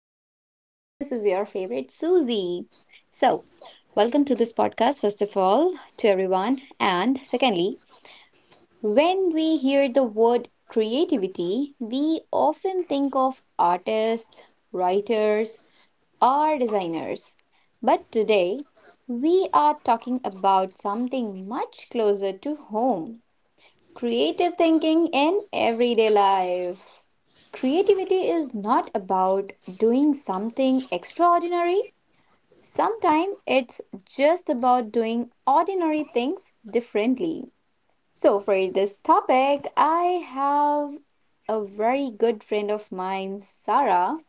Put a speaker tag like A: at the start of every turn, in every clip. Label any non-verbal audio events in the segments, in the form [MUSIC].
A: Studio, and this is your favorite Susie. So, welcome to this podcast, first of all, to everyone, and secondly, when we hear the word creativity, we often think of artists, writers, or designers. But today, we are talking about something much closer to home, creative thinking in everyday life. Creativity is not about doing something extraordinary. Sometimes it's just about doing ordinary things differently. So, for this topic, I have a very good friend of mine, Sarah,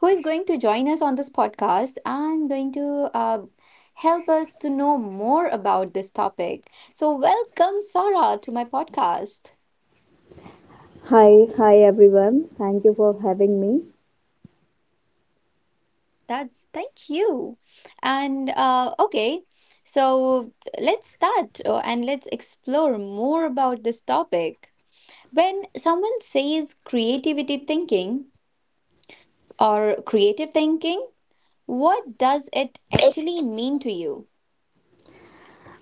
A: who is going to join us on this podcast and going to help us to know more about this topic. So, welcome, Sarah, to my podcast.
B: Hi everyone. Thank you for having me.
A: That, thank you. And okay, so let's start, and let's explore more about this topic. When someone says creativity thinking or creative thinking, what does it actually mean to you?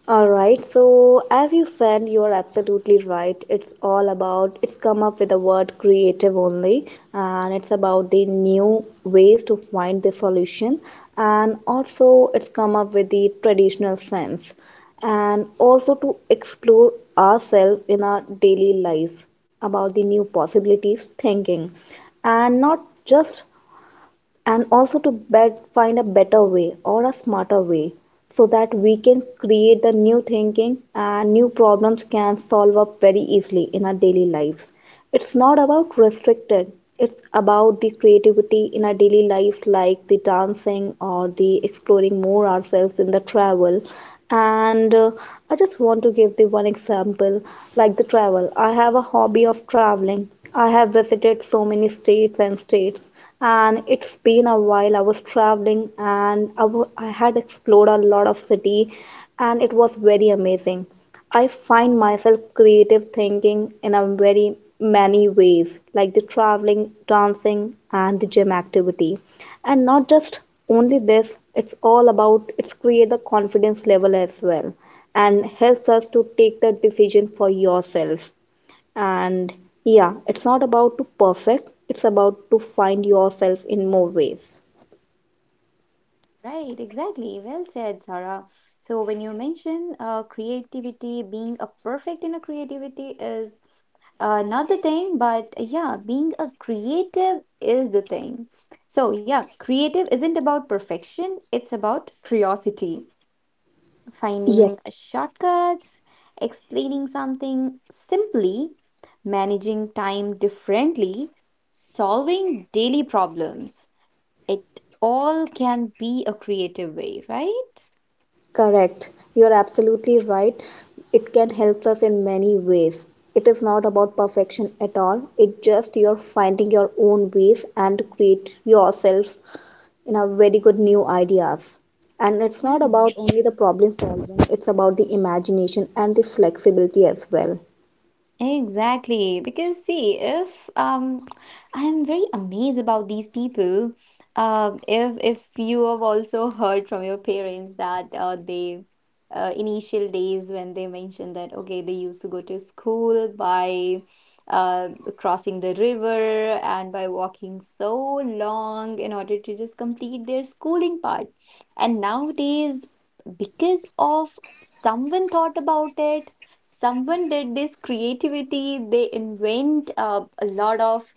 B: All right, so as you said, you are absolutely right. It's all about it's come up with the word creative only, and it's about the new ways to find the solution, and also it's come up with the traditional sense, and also to explore ourselves in our daily lives about the new possibilities thinking and not just and also to find a better way or a smarter way so that we can create the new thinking and new problems can solve up very easily in our daily lives, it's not about restricted, it's about the creativity in our daily life, like the dancing or the exploring more ourselves in the travel. And I just want to give the one example like the travel. I have a hobby of traveling. I have visited so many states and states, and it's been a while. I was traveling and I had explored a lot of city, and it was very amazing. I find myself creative thinking in a very many ways, like the traveling, dancing, and the gym activity. And not just only this, it's all about it's create the confidence level as well and helps us to take the decision for yourself. And yeah, it's not about to perfect, it's about to find yourself in more ways.
A: Right, exactly. Well said, Sarah. So when you mention creativity, being a perfect in a creativity is, not the thing, but yeah, being a creative is the thing. So yeah, creative isn't about perfection, it's about curiosity,
B: Yes.
A: finding shortcuts, explaining something simply, managing time differently, solving daily problems. It all can be a creative way, right?
B: Correct. You're absolutely right. It can help us in many ways. It is not about perfection at all. It just you're finding your own ways and create yourself in a very good new ideas. And it's not
A: Yeah.
B: about only the problem solving, it's about the imagination and the flexibility as well.
A: Exactly, because see, if I'm very amazed about these people. If you have also heard from your parents that they, initial days, when they mentioned that okay, they used to go to school by uh, crossing the river and by walking so long in order to just complete their schooling part, and nowadays because of someone thought about it, someone did this creativity, they invent a lot of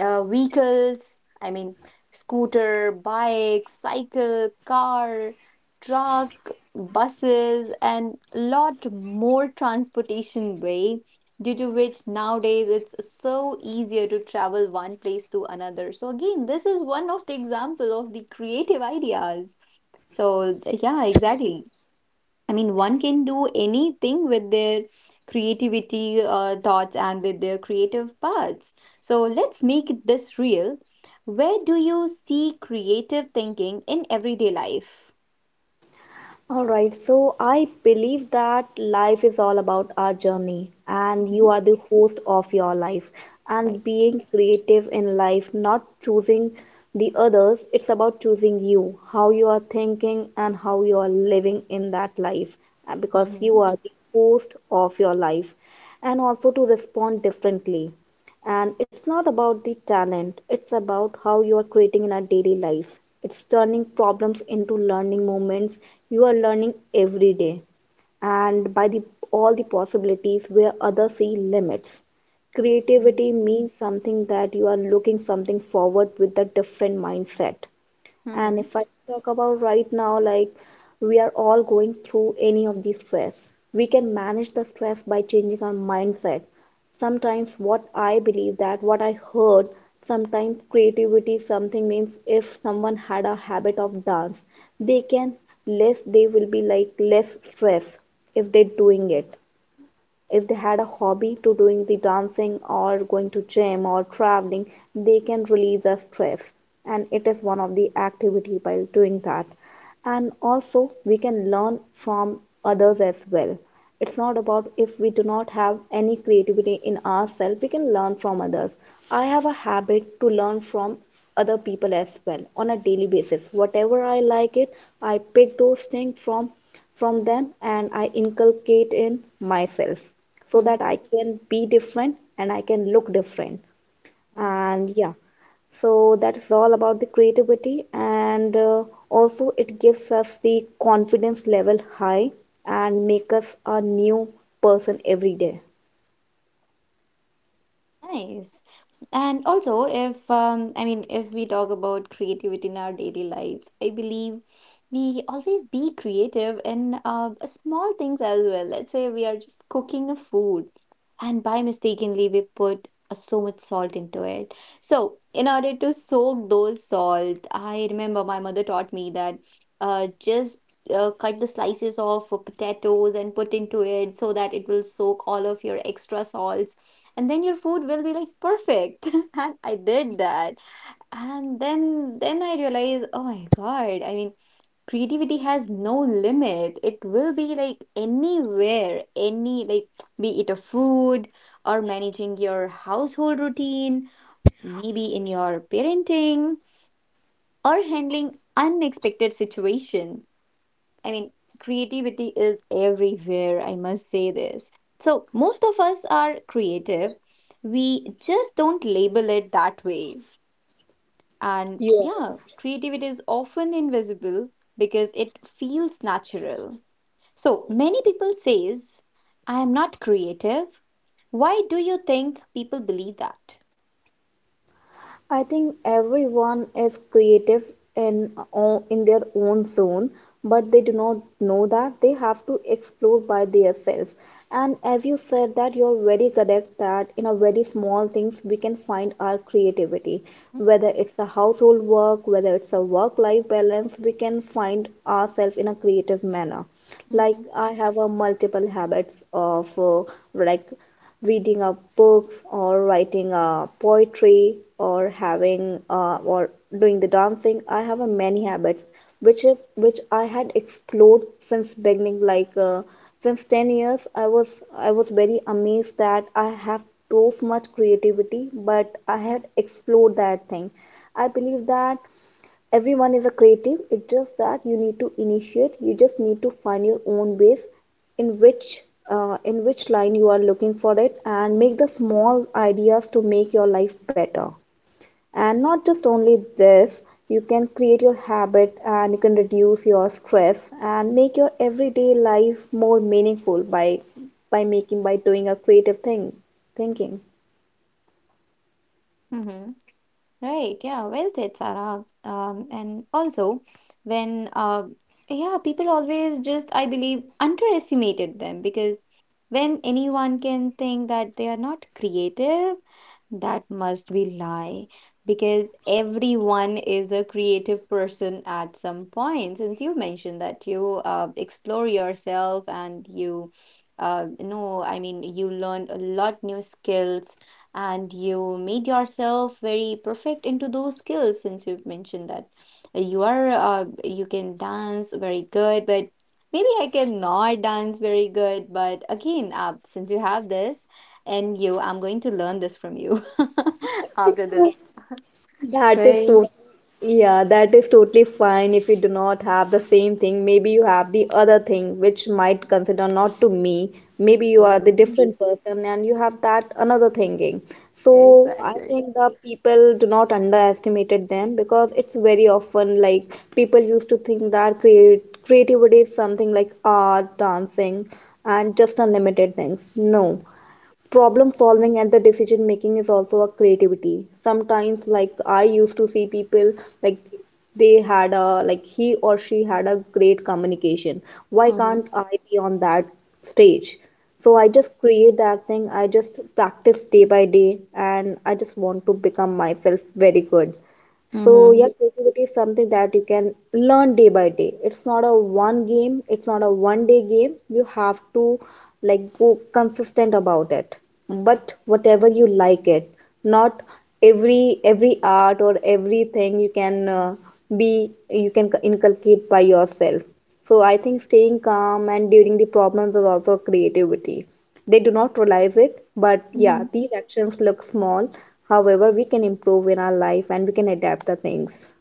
A: vehicles, I mean scooter, bike, cycle, car, truck, buses, and lot more transportation way, due to which nowadays it's so easier to travel one place to another. So again, this is one of the example of the creative ideas. So yeah, exactly. I mean, one can do anything with their creativity, thoughts, and with their creative parts. So let's make it this real. Where do you see creative thinking in everyday life?
B: All right, so I believe that life is all about our journey, and
A: Hmm.
B: you are the host of your life. And
A: Right.
B: being creative in life, not choosing the others, it's about choosing you, how you are thinking, and how you are living in that life, because
A: Mm-hmm.
B: you are the host of your life, and also to respond differently, and it's not about the talent, it's about how you are creating in our daily life, it's turning problems into learning moments, you are learning every day and by the all the possibilities where others see limits.
A: Mm-hmm.
B: Creativity means something that you are looking something forward with a different mindset.
A: Mm-hmm.
B: And if I talk about right now, like, we are all going through any of these stress, we can manage the stress by changing our mindset. Sometimes, what I believe that what I heard, sometimes creativity something means if someone had a habit of dance, they can less, they will be like less stress if they're doing it. If they had a hobby to doing the dancing or going to gym or traveling, they can release their stress, and it is one of the activity by doing that. And also we can learn from others as well. It's not about if we do not have any creativity in ourselves, we can learn from others. I have a habit to learn from other people as well on a daily basis. Whatever I like it, I pick those things from them and I inculcate in myself so that I can be different and I can look different.
A: Mm-hmm.
B: And yeah, so that's all about the creativity, and also it gives us the confidence level high and make us a new person every day.
A: Nice. And also, if I mean, if we talk about creativity in our daily lives, I believe we always be creative in small things as well. Let's say we are just cooking a food, and by mistakenly we put so much salt into it. So, in order to soak those salt, I remember my mother taught me that, just, cut the slices of potatoes and put into it so that it will soak all of your extra salts and then your food will be like perfect. [LAUGHS] And I did that, and then I realized, oh my god, I mean creativity has no limit. It will be like anywhere, any like, be it a food, or managing your household routine, maybe in your parenting, or handling unexpected situation. I mean, creativity is everywhere, I must say this. So, most of us are creative. We just don't label it that way. And yeah, creativity is often invisible because it feels natural. So, many people says, I am not creative. Why do you think people believe that?
B: I think everyone is creative in in their own zone, but they do not know that they have to explore by themselves. And as you said that you're very correct that in a very small things we can find our creativity, whether it's a household work, whether it's a work-life balance, we can find ourselves in a creative manner. Like I have a multiple habits of like reading up books or writing poetry or having or doing the dancing. I have a many habits which if, which I had explored since beginning like since 10 years. I was very amazed that I have so much creativity, but I had explored that thing. I believe that everyone is a creative. It's just that you need to initiate, you just need to find your own ways in which in which line you are looking for it and make the small ideas to make your life better. And not just only this, you can create your habit and you can reduce your stress and make your everyday life more meaningful by making by doing a creative thing thinking
A: Mm-hmm. Right, yeah, well said, Sarah. And also, when yeah, people always just, I believe, underestimated them because when anyone can think that they are not creative, that must be lie, because everyone is a creative person at some point. Since you mentioned that you, explore yourself and you, know, I mean, you learned a lot new skills and you made yourself very perfect into those skills. Since you've mentioned that you are, you can dance very good, but maybe I cannot dance very good, but again, since you have this, and you, I'm going to learn this from you [LAUGHS] after this.
B: That is
A: Right.
B: totally yeah, that is totally fine if you do not have the same thing. Maybe you have the other thing which might consider not to me. Maybe you are the
A: Hmm.
B: different person and you have that another thinking. So I
A: Exactly.
B: think the people do not underestimated them because it's very often like people used to think that create creativity is something like art, dancing, and just unlimited things. No, problem solving and the decision making is also a creativity sometimes. Like I used to see people, like, they had a like he or she had a great communication. Why
A: Hmm.
B: can't I be on that stage? So I just create that thing, I just practice day by day and I just want to become myself very good. So yeah,
A: Hmm.
B: creativity is something that you can learn day by day. It's not a one game, it's not a one day game. You have to like go consistent about it. But whatever you like it, not every art or everything you can be you can inculcate by yourself. So I think staying calm and during the problems is also creativity. They do not realize it, but yeah, these actions look small. However, we can improve in our life and we can adapt the things.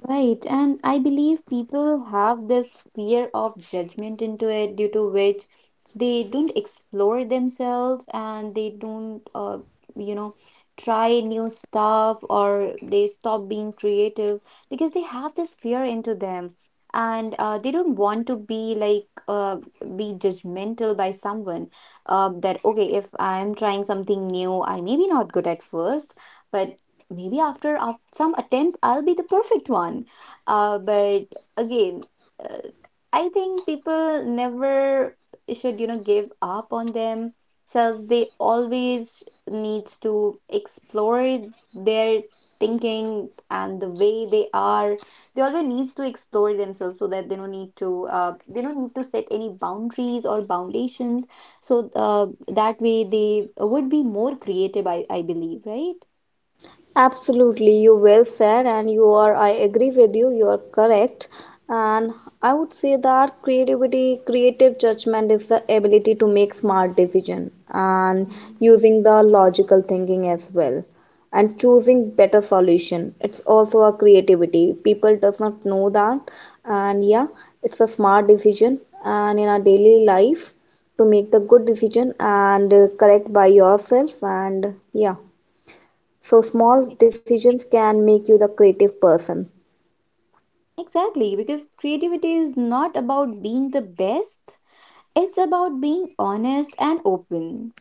A: Right, and I believe people have this fear of judgment into it, due to which they don't explore themselves and they don't, you know, try new stuff, or they stop being creative because they have this fear into them, and they don't want to be like be judgmental by someone, that okay, if I am trying something new, I may be not good at first, but maybe after some attempts I'll be the perfect one, but again, uh, I think people never should, you know, give up on themselves. They always needs to explore their thinking and the way they are. They always needs to explore themselves so that they don't need to, they don't need to set any boundaries or foundations. So, that way they would be more creative, I believe, right?
B: Absolutely, you well said, and you are. I agree with you. You are correct, and I would say that creative judgment is the ability to make smart decision and
A: Mm.
B: using the logical thinking as well, and choosing better solution. It's also a creativity. People does not know that, and yeah, it's a smart decision. And in our daily life, to make the good decision and correct by yourself, and yeah. So small decisions can make you the creative person.
A: Exactly, because creativity is not about being the best, it's about being honest and open.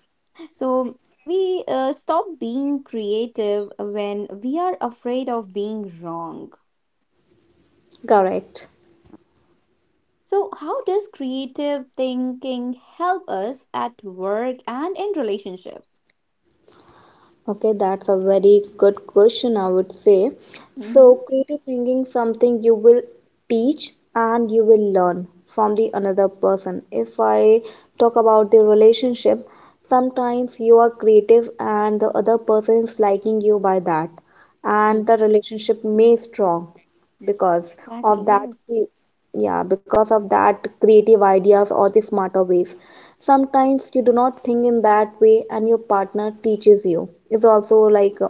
A: So, we stop being creative when we are afraid of being wrong.
B: Correct.
A: So, how does creative thinking help us at work and in relationship?
B: Okay, that's a very good question, I would say. So
A: Mm-hmm.
B: creative thinking something you will teach and you will learn from the another person. If I talk about the relationship, sometimes you are creative and the other person is liking you by that and the relationship may strong because of
A: Exactly,
B: that
A: yes.
B: yeah because of that creative ideas or the smarter ways. Sometimes you do not think in that way and your partner teaches you. It's also like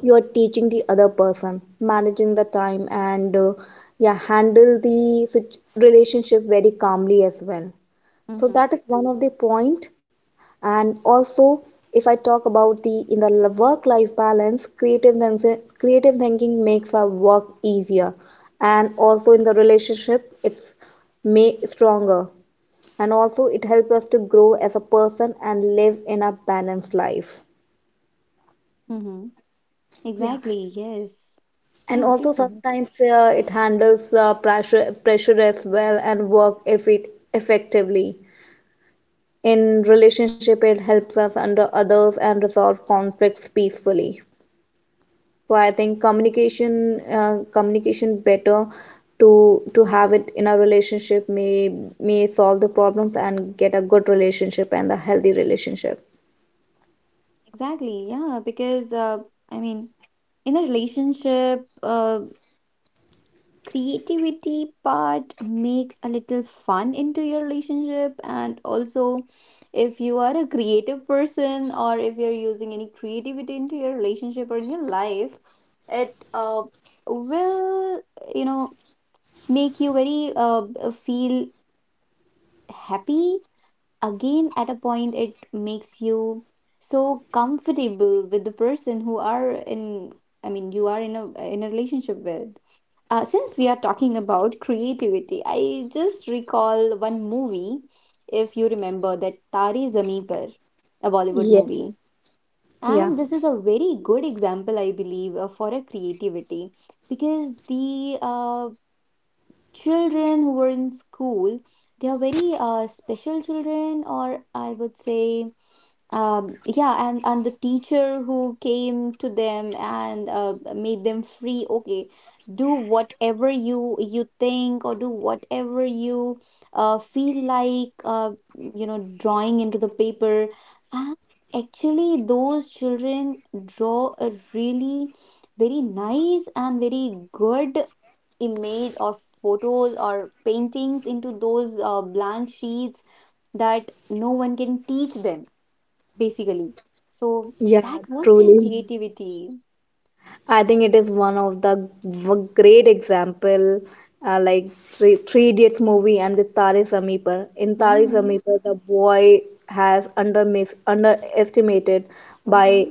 B: you are teaching the other person managing the time and yeah handle the relationship very calmly as well. So
A: Mm-hmm.
B: that is one of the point. And also if I talk about the in the work life balance creative thinking makes our work easier, and also in the relationship it's may stronger, and also it helps us to grow as a person and live in a balanced life.
A: Mm-hmm.
B: Yeah,
A: Exactly, yes.
B: and
A: Yeah,
B: also
A: please go ahead.
B: sometimes it handles pressure as well and work if it effectively. In relationship it helps us under others and resolve conflicts peacefully. So I think communication better to have it in a relationship may solve the problems and get a good relationship and a healthy relationship,
A: Exactly, yeah, because I mean, in a relationship, creativity part make a little fun into your relationship, and also if you are a creative person, or if you're using any creativity into your relationship or in your life, it, will, you know, make you very, feel happy. Again, at a point, it makes you so comfortable with the person who are in, I mean you are in a, in a relationship with. Since we are talking about creativity, I just recall one movie, if you remember that, Tari Zameen Par, a Bollywood movie,
B: yeah.
A: and this is a very good example I believe, for a creativity, because the children who were in school, they are very special children, or I would say, yeah, and the teacher who came to them and made them free, okay, do whatever you, you think, or do whatever you, feel like, you know, drawing into the paper, and actually those children draw a really very nice and very good image or photos or paintings into those blank sheets that no one can teach them basically. So that
B: Yeah,
A: was their
B: truly.
A: creativity.
B: I think it is one of the great example, like Three Idiots movie and the Tare Zameen Par. In Tare
A: Hmm.
B: Zameen Par, the boy has underestimated
A: Hmm.
B: by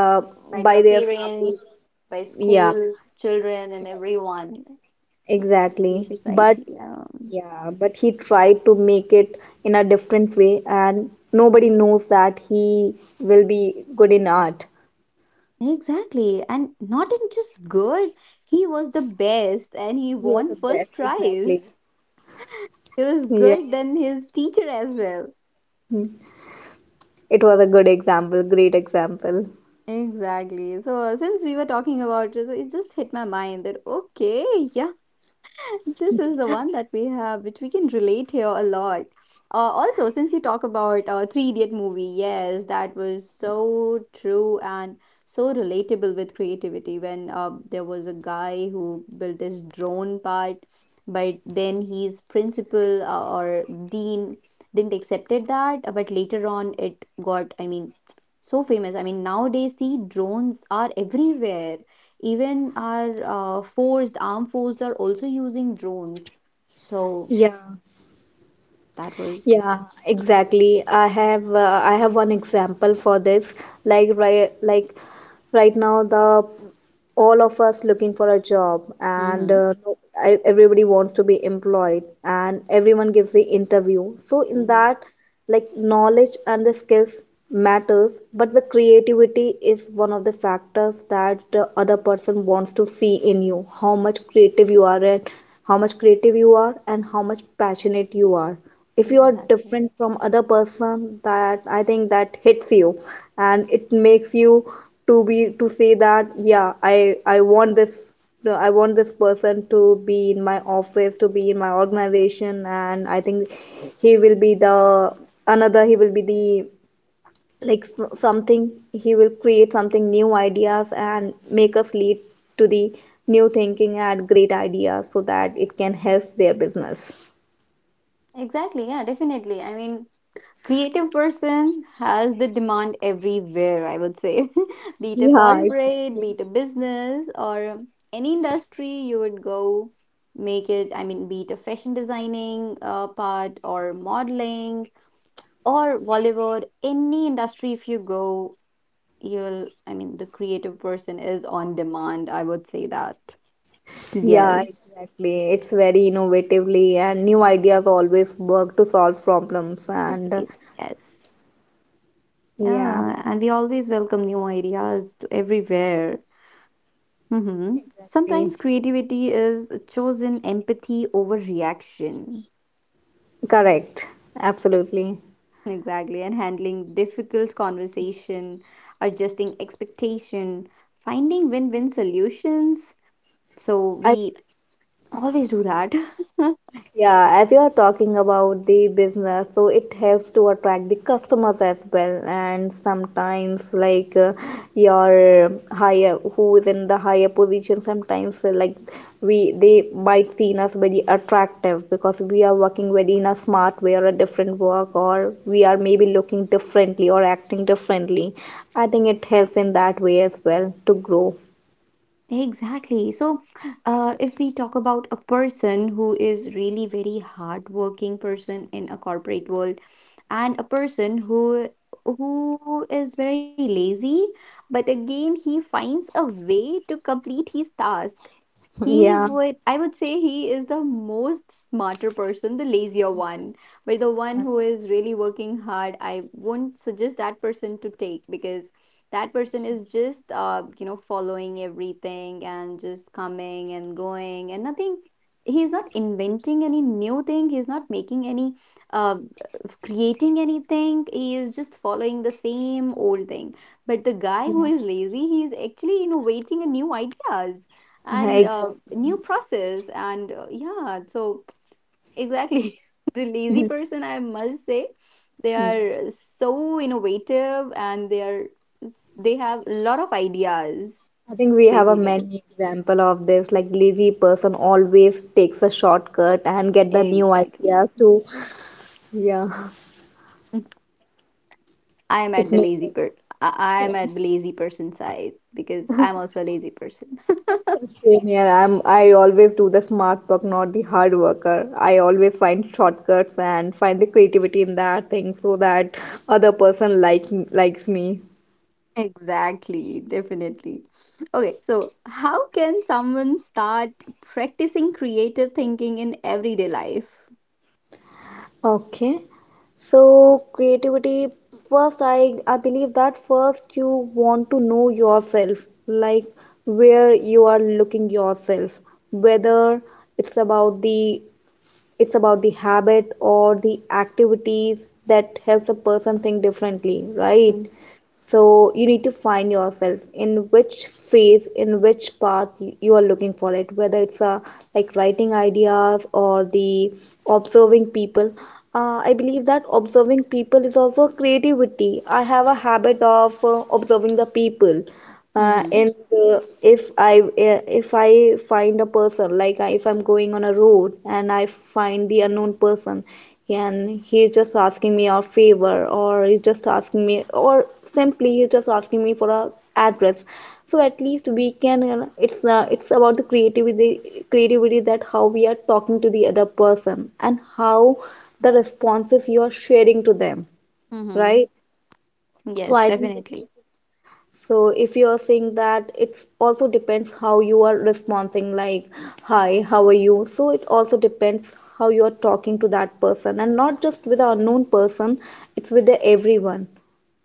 B: uh,
A: By
B: by
A: their
B: their families.
A: parents, by
B: Yeah,
A: schools, children, and everyone in
B: exactly. But
A: society, yeah.
B: yeah, but he tried to make it in a different way, and nobody knows that he will be good in art.
A: Exactly, and not in just good, he was the best, and he
B: He was the
A: won first
B: best, exactly.
A: prize. He was
B: Yeah.
A: good than his teacher as well.
B: Hmm. It was a good example, great example.
A: Exactly. So, since we were talking about it, it just hit my mind that okay, yeah, this is the one that we have which we can relate here a lot. Also, since you talk about 3 idiot movie, yes, that was so true and so relatable with creativity when there was a guy who built his drone part, but then his principal, or dean didn't accepted that, but later on it got, I mean, so famous. I mean nowadays see, drones are everywhere, even our forced armed forces are also using drones. So
B: Yeah,
A: that was
B: Yeah, exactly. I have one example for this. Like right now the all of us looking for a job and
A: mm-hmm,
B: everybody wants to be employed and everyone gives the interview. So in
A: mm-hmm.
B: that like knowledge and the skills matters, but the creativity is one of the factors that the other person wants to see in you, how much creative you are and how much passionate you are. If you are
A: Exactly,
B: different from other person, that I think that hits you and it makes you to be to say that yeah I want this. No, I want this person to be in my office, to be in my organization, and I think he will be the another he will be the like s- something. He will create something new ideas and make us lead to the new thinking and great ideas so that it can help their business.
A: exactly. Yeah, definitely. I mean, creative person has the demand everywhere, I would say, [LAUGHS] be it a
B: Yeah,
A: corporate,
B: exactly.
A: be it a business, or any industry, you would go make it. I mean, be it a fashion designing part or modeling, or Bollywood, any industry if you go, you'll, I mean, the creative person is on demand, I would say that.
B: Yeah,
A: Yes,
B: exactly. It's very innovatively, and new ideas always work to solve problems. And
A: always. Yes.
B: yeah,
A: Yeah. And we always welcome new ideas to everywhere. Mm-hmm. Sometimes
B: exactly,
A: creativity is chosen empathy over reaction.
B: correct. Absolutely.
A: Exactly. And handling difficult conversation, adjusting expectation, finding win win solutions. So
B: I,
A: we always do that. [LAUGHS]
B: yeah, as you are talking about the business, so it helps to attract the customers as well. And sometimes, like your higher, who is in the higher position, sometimes like we they might seen us very attractive because we are working very in a smart way or a different work, or we are maybe looking differently or acting differently. I think it helps in that way as well to grow.
A: Exactly. So, if we talk about a person who is really very hardworking person in a corporate world, and a person who is very lazy, but again he finds a way to complete his task. He
B: Yeah.
A: would, I would say he is the most smarter person, the lazier one. But the one who is really working hard, I won't suggest that person to take, because that person is just, you know, following everything and just coming and going and nothing. He's not inventing any new thing. He's not making any, uh, creating anything. He is just following the same old thing. But the guy who
B: Yeah,
A: is lazy, he is actually innovating a new ideas,
B: [LAUGHS]
A: and
B: exactly.
A: new process, and yeah, so exactly, [LAUGHS] the lazy person, I must say, they are so innovative and they are, they have a lot of ideas
B: I think we have a
A: basically.
B: many example of this. Like lazy person always takes a shortcut and get the new ideas
A: Exactly.
B: too. Yeah,
A: [LAUGHS] i am at
B: it
A: the
B: makes
A: lazy per I am at
B: us
A: the lazy person side, because I'm also a lazy person. [LAUGHS]
B: same here. I always do the smart work, not the hard worker. I always find shortcuts and find the creativity in that thing so that other person like likes me.
A: Exactly, definitely. Okay, so how can someone start practicing creative thinking in everyday life?
B: Okay. So creativity first I believe that first you want to know yourself, like where you are looking yourself, whether it's about the it's about the habit or the activities that helps a person think differently, right?
A: Mm.
B: So you need to find yourself, in which phase, in which path you are looking for it, whether it's like writing ideas or the observing people. I believe that observing people is also creativity. I have a habit of observing the people
A: Mm-hmm.
B: and if I find a person, like if I'm going on a road and I find the unknown person, and he's just asking me a favor, or he's just asking me, or simply he's just asking me for a address, so at least we can it's about the creativity, that how we are talking to the other person and how the responses you are sharing to them,
A: Mm-hmm.
B: right? So
A: Yes,
B: I think this,
A: definitely.
B: so if you are saying that, it's also depends how you are responding, like hi, how are you. So it also depends how you are talking to that person, and not just with the unknown person, it's with the everyone.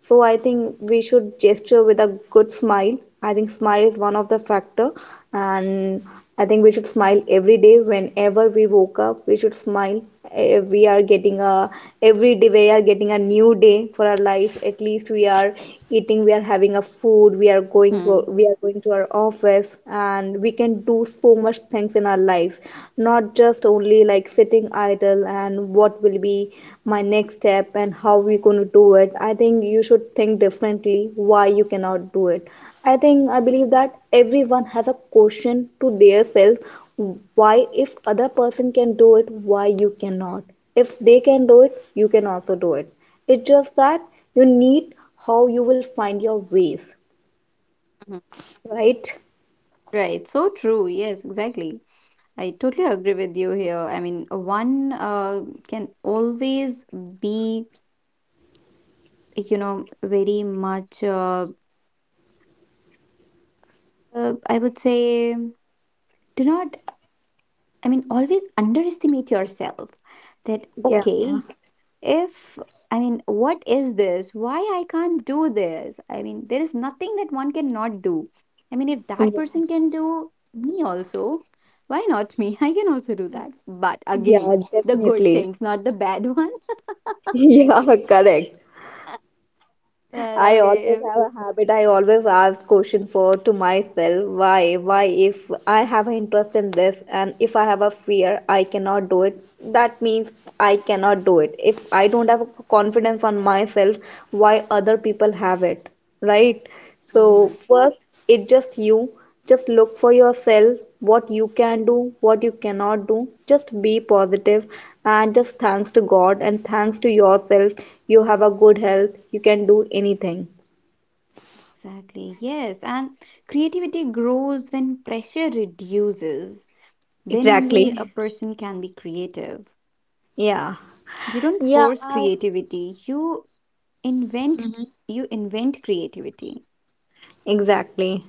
B: So I think we should gesture with a good smile. I think smile is one of the factor. And I think we should smile every day. Whenever we woke up, we should smile. We are getting a every day, we are getting a new day for our life. At least we are eating, we are having a food, we are going
A: Mm-hmm.
B: we are going to our office, and we can do so much things in our lives, not just only like sitting idle and what will be my next step and how we going to do it. I think you should think differently. Why you cannot do it? I think I believe that everyone has a question to their self, why. If other person can do it, why you cannot? If they can do it, you can also do it. It's just that you need how you will find your ways,
A: Mm-hmm.
B: right?
A: Right. So true. Yes, exactly. I totally agree with you here. I mean, one, can always be, you know, very much, I would say, do not, I mean, always underestimate yourself, that,
B: Yeah.
A: okay, if, I mean, what is this, why I can't do this? I mean, there is nothing that one cannot do. I mean, if that
B: Yeah.
A: person can do, me also, why not me? [LAUGHS] I can also do that, but again,
B: Yeah,
A: the good
B: definitely.
A: things, not the bad [LAUGHS] one.
B: [LAUGHS] Yeah, correct.
A: But
B: I always
A: okay.
B: have a habit. I always ask question for to myself, why. If I have an interest in this and if I have a fear, I cannot do it. That means I cannot do it. If I don't have confidence on myself, why other people have it, right? So
A: Mm-hmm.
B: first, it's just you just look for yourself what you can do, what you cannot do. Just be positive and just thanks to god and thanks to yourself. You have a good health, you can do anything.
A: Exactly, yes, and creativity grows when pressure reduces, then
B: Exactly.
A: only a person can be creative.
B: Yeah.
A: You don't
B: Yeah,
A: force
B: I
A: creativity, you invent, you invent creativity.
B: exactly.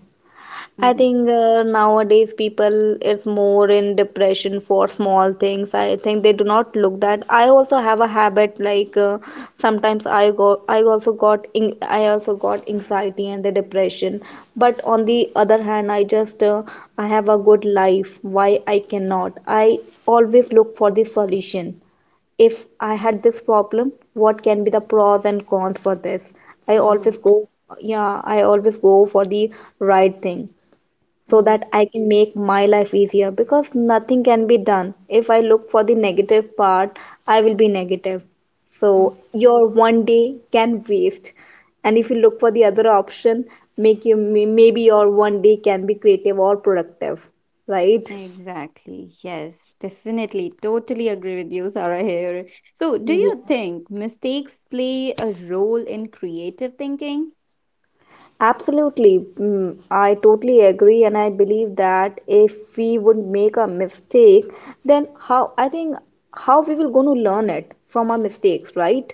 B: I
A: Mm,
B: think nowadays people is more in depression for small things. I think they do not look that. I also have a habit, like sometimes I go, I also got anxiety and the depression. But on the other hand, I just I have a good life. Why I cannot? I always look for the solution. If I had this problem, what can be the pros and cons for this? I always
A: mhm,
B: go yeah, I always go for the right thing, so
A: mhm,
B: that I can make my life easier, because nothing can be done. If I look for the negative part, I will be negative.
A: mm.
B: So your one day can waste. And if you look for the other option, maybe your one day can be creative or productive, right?
A: Exactly. Yes, definitely. Totally agree with you, Sarah here. So, do
B: Yeah.
A: you think mistakes play a role in creative thinking?
B: Absolutely. Mm, I totally agree, and I believe that if we would make a mistake, then how I think how we will going to learn it from our mistakes, right?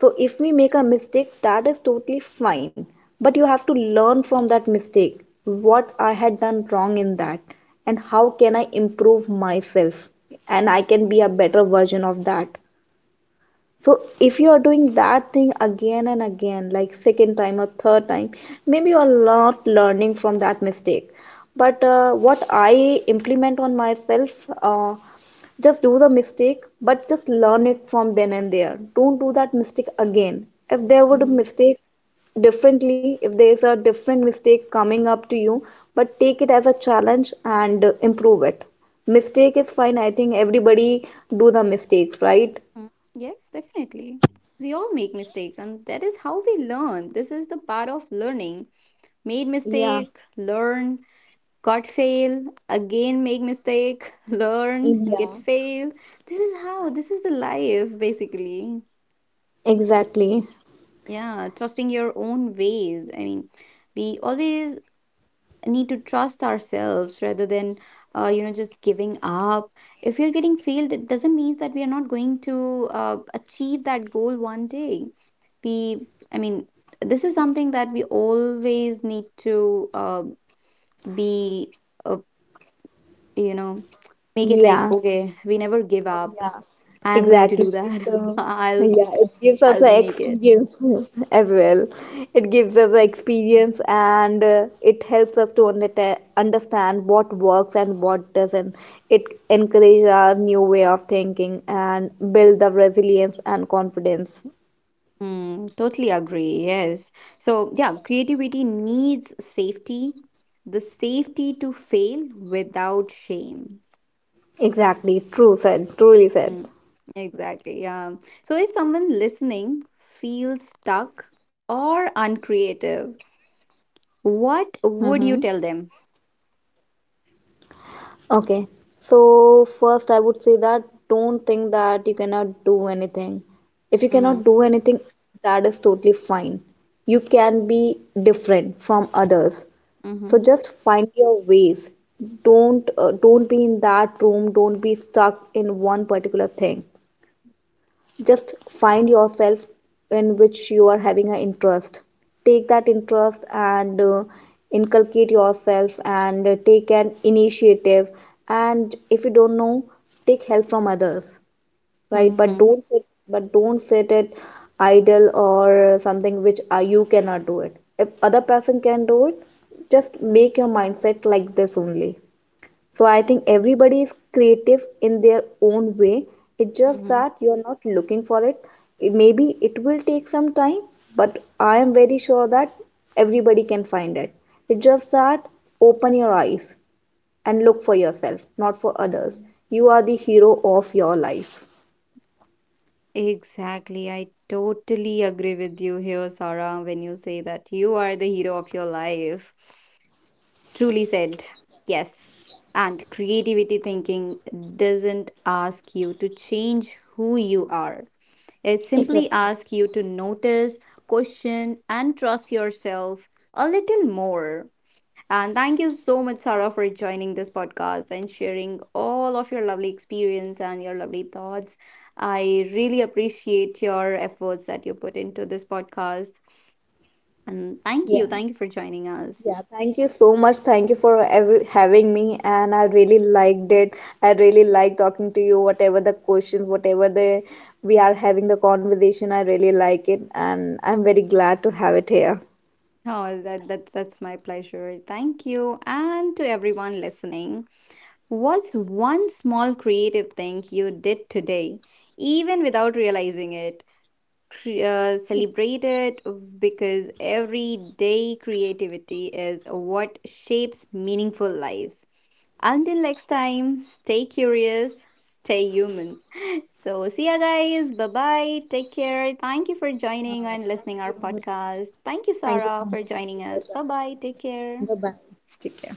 B: So if we make a mistake, that is totally fine. But you have to learn from that mistake, what I had done wrong in that and how can I improve myself and I can be a better version of that. So if you are doing that thing again and again, like second time or third time, maybe you are not learning from that mistake. But what I implement on myself, just do the mistake, but just learn it from then and there. Don't do that mistake again. If there would a
A: Mhm,
B: mistake differently, if there is a different mistake coming up to you, but take it as a challenge and improve it. Mistake is fine. I think everybody do the mistakes, right?
A: mm. Yes, definitely. We all make mistakes, and that is how we learn. This is the part of learning. Made
B: Yeah.
A: mistake, learn, got fail, again make mistake, [LAUGHS] learn and
B: Yeah,
A: get fail, this is how, this is the life basically.
B: exactly.
A: Yeah, trusting your own ways, I mean, we always need to trust ourselves rather than, you know, just giving up. If you're getting failed, it doesn't mean that we are not going to achieve that goal one day. We, I mean, this is something that we always need to, be, uh, you know, make it like
B: Yeah.
A: okay, we never give up,
B: Yeah,
A: I am going to
B: exactly.
A: do that. [LAUGHS] i'll
B: Yeah, it gives us
A: I'll
B: the
A: make it.
B: experience [LAUGHS] as well. It gives us the experience and it helps us to understand what works and what doesn't. It encourages our new way of thinking and build the resilience and confidence.
A: Mm, totally agree, yes. So yeah, creativity needs safety, the safety to fail without shame.
B: Exactly. True said. Truly said.
A: Mm, exactly, yeah. So if someone listening feels stuck or uncreative,
B: Mm-hmm.
A: what would you tell them?
B: Okay, so first I would say that don't think that you cannot do anything. If you
A: Mm-hmm,
B: cannot do anything, that is totally fine. You can be different from others. So
A: mm-hmm,
B: just find your ways. Don't be in that room, don't be stuck in one particular thing. Just find yourself, in which you are having an interest. Take that interest and inculcate yourself and take an initiative. And if you don't know, take help from others, right?
A: mm-hmm,
B: But don't sit it idle, or something which you cannot do it. If other person can do it, just make your mindset like this only. So I think everybody is creative in their own way. It's just
A: mm-hmm.
B: that you're not looking for it. Maybe it will take some time, but I am very sure that everybody can find it. It's just that open your eyes and look for yourself, not for others.
A: Mm-hmm.
B: You are the hero of your life.
A: Exactly. I totally agree with you here, Sarah, when you say that you are the hero of your life. Truly said. Yes. And creativity thinking doesn't ask you to change who you are. It simply
B: Exactly.
A: asks you to notice, question, and trust yourself a little more. And thank you so much, Sarah, for joining this podcast and sharing all of your lovely experience and your lovely thoughts. I really appreciate your efforts that you put into this podcast. And thank you.
B: Yeah.
A: Thank you for joining us.
B: Yeah, thank you so much. Thank you for ev having me, and I really liked it. I really like talking to you. Whatever the questions, whatever the we are having the conversation, I really like it, and I'm very glad to have it here.
A: Oh, that's that's my pleasure. Thank you. And to everyone listening, what's one small creative thing you did today, even without realizing it? Celebrate, because everyday creativity is what shapes meaningful lives. Until next time, stay curious, stay human. [LAUGHS] So, see ya guys. Bye bye. Take care. Thank you for joining and listening our podcast. Thank you, Sarah, for joining us. Bye bye. Take care.
B: Take care.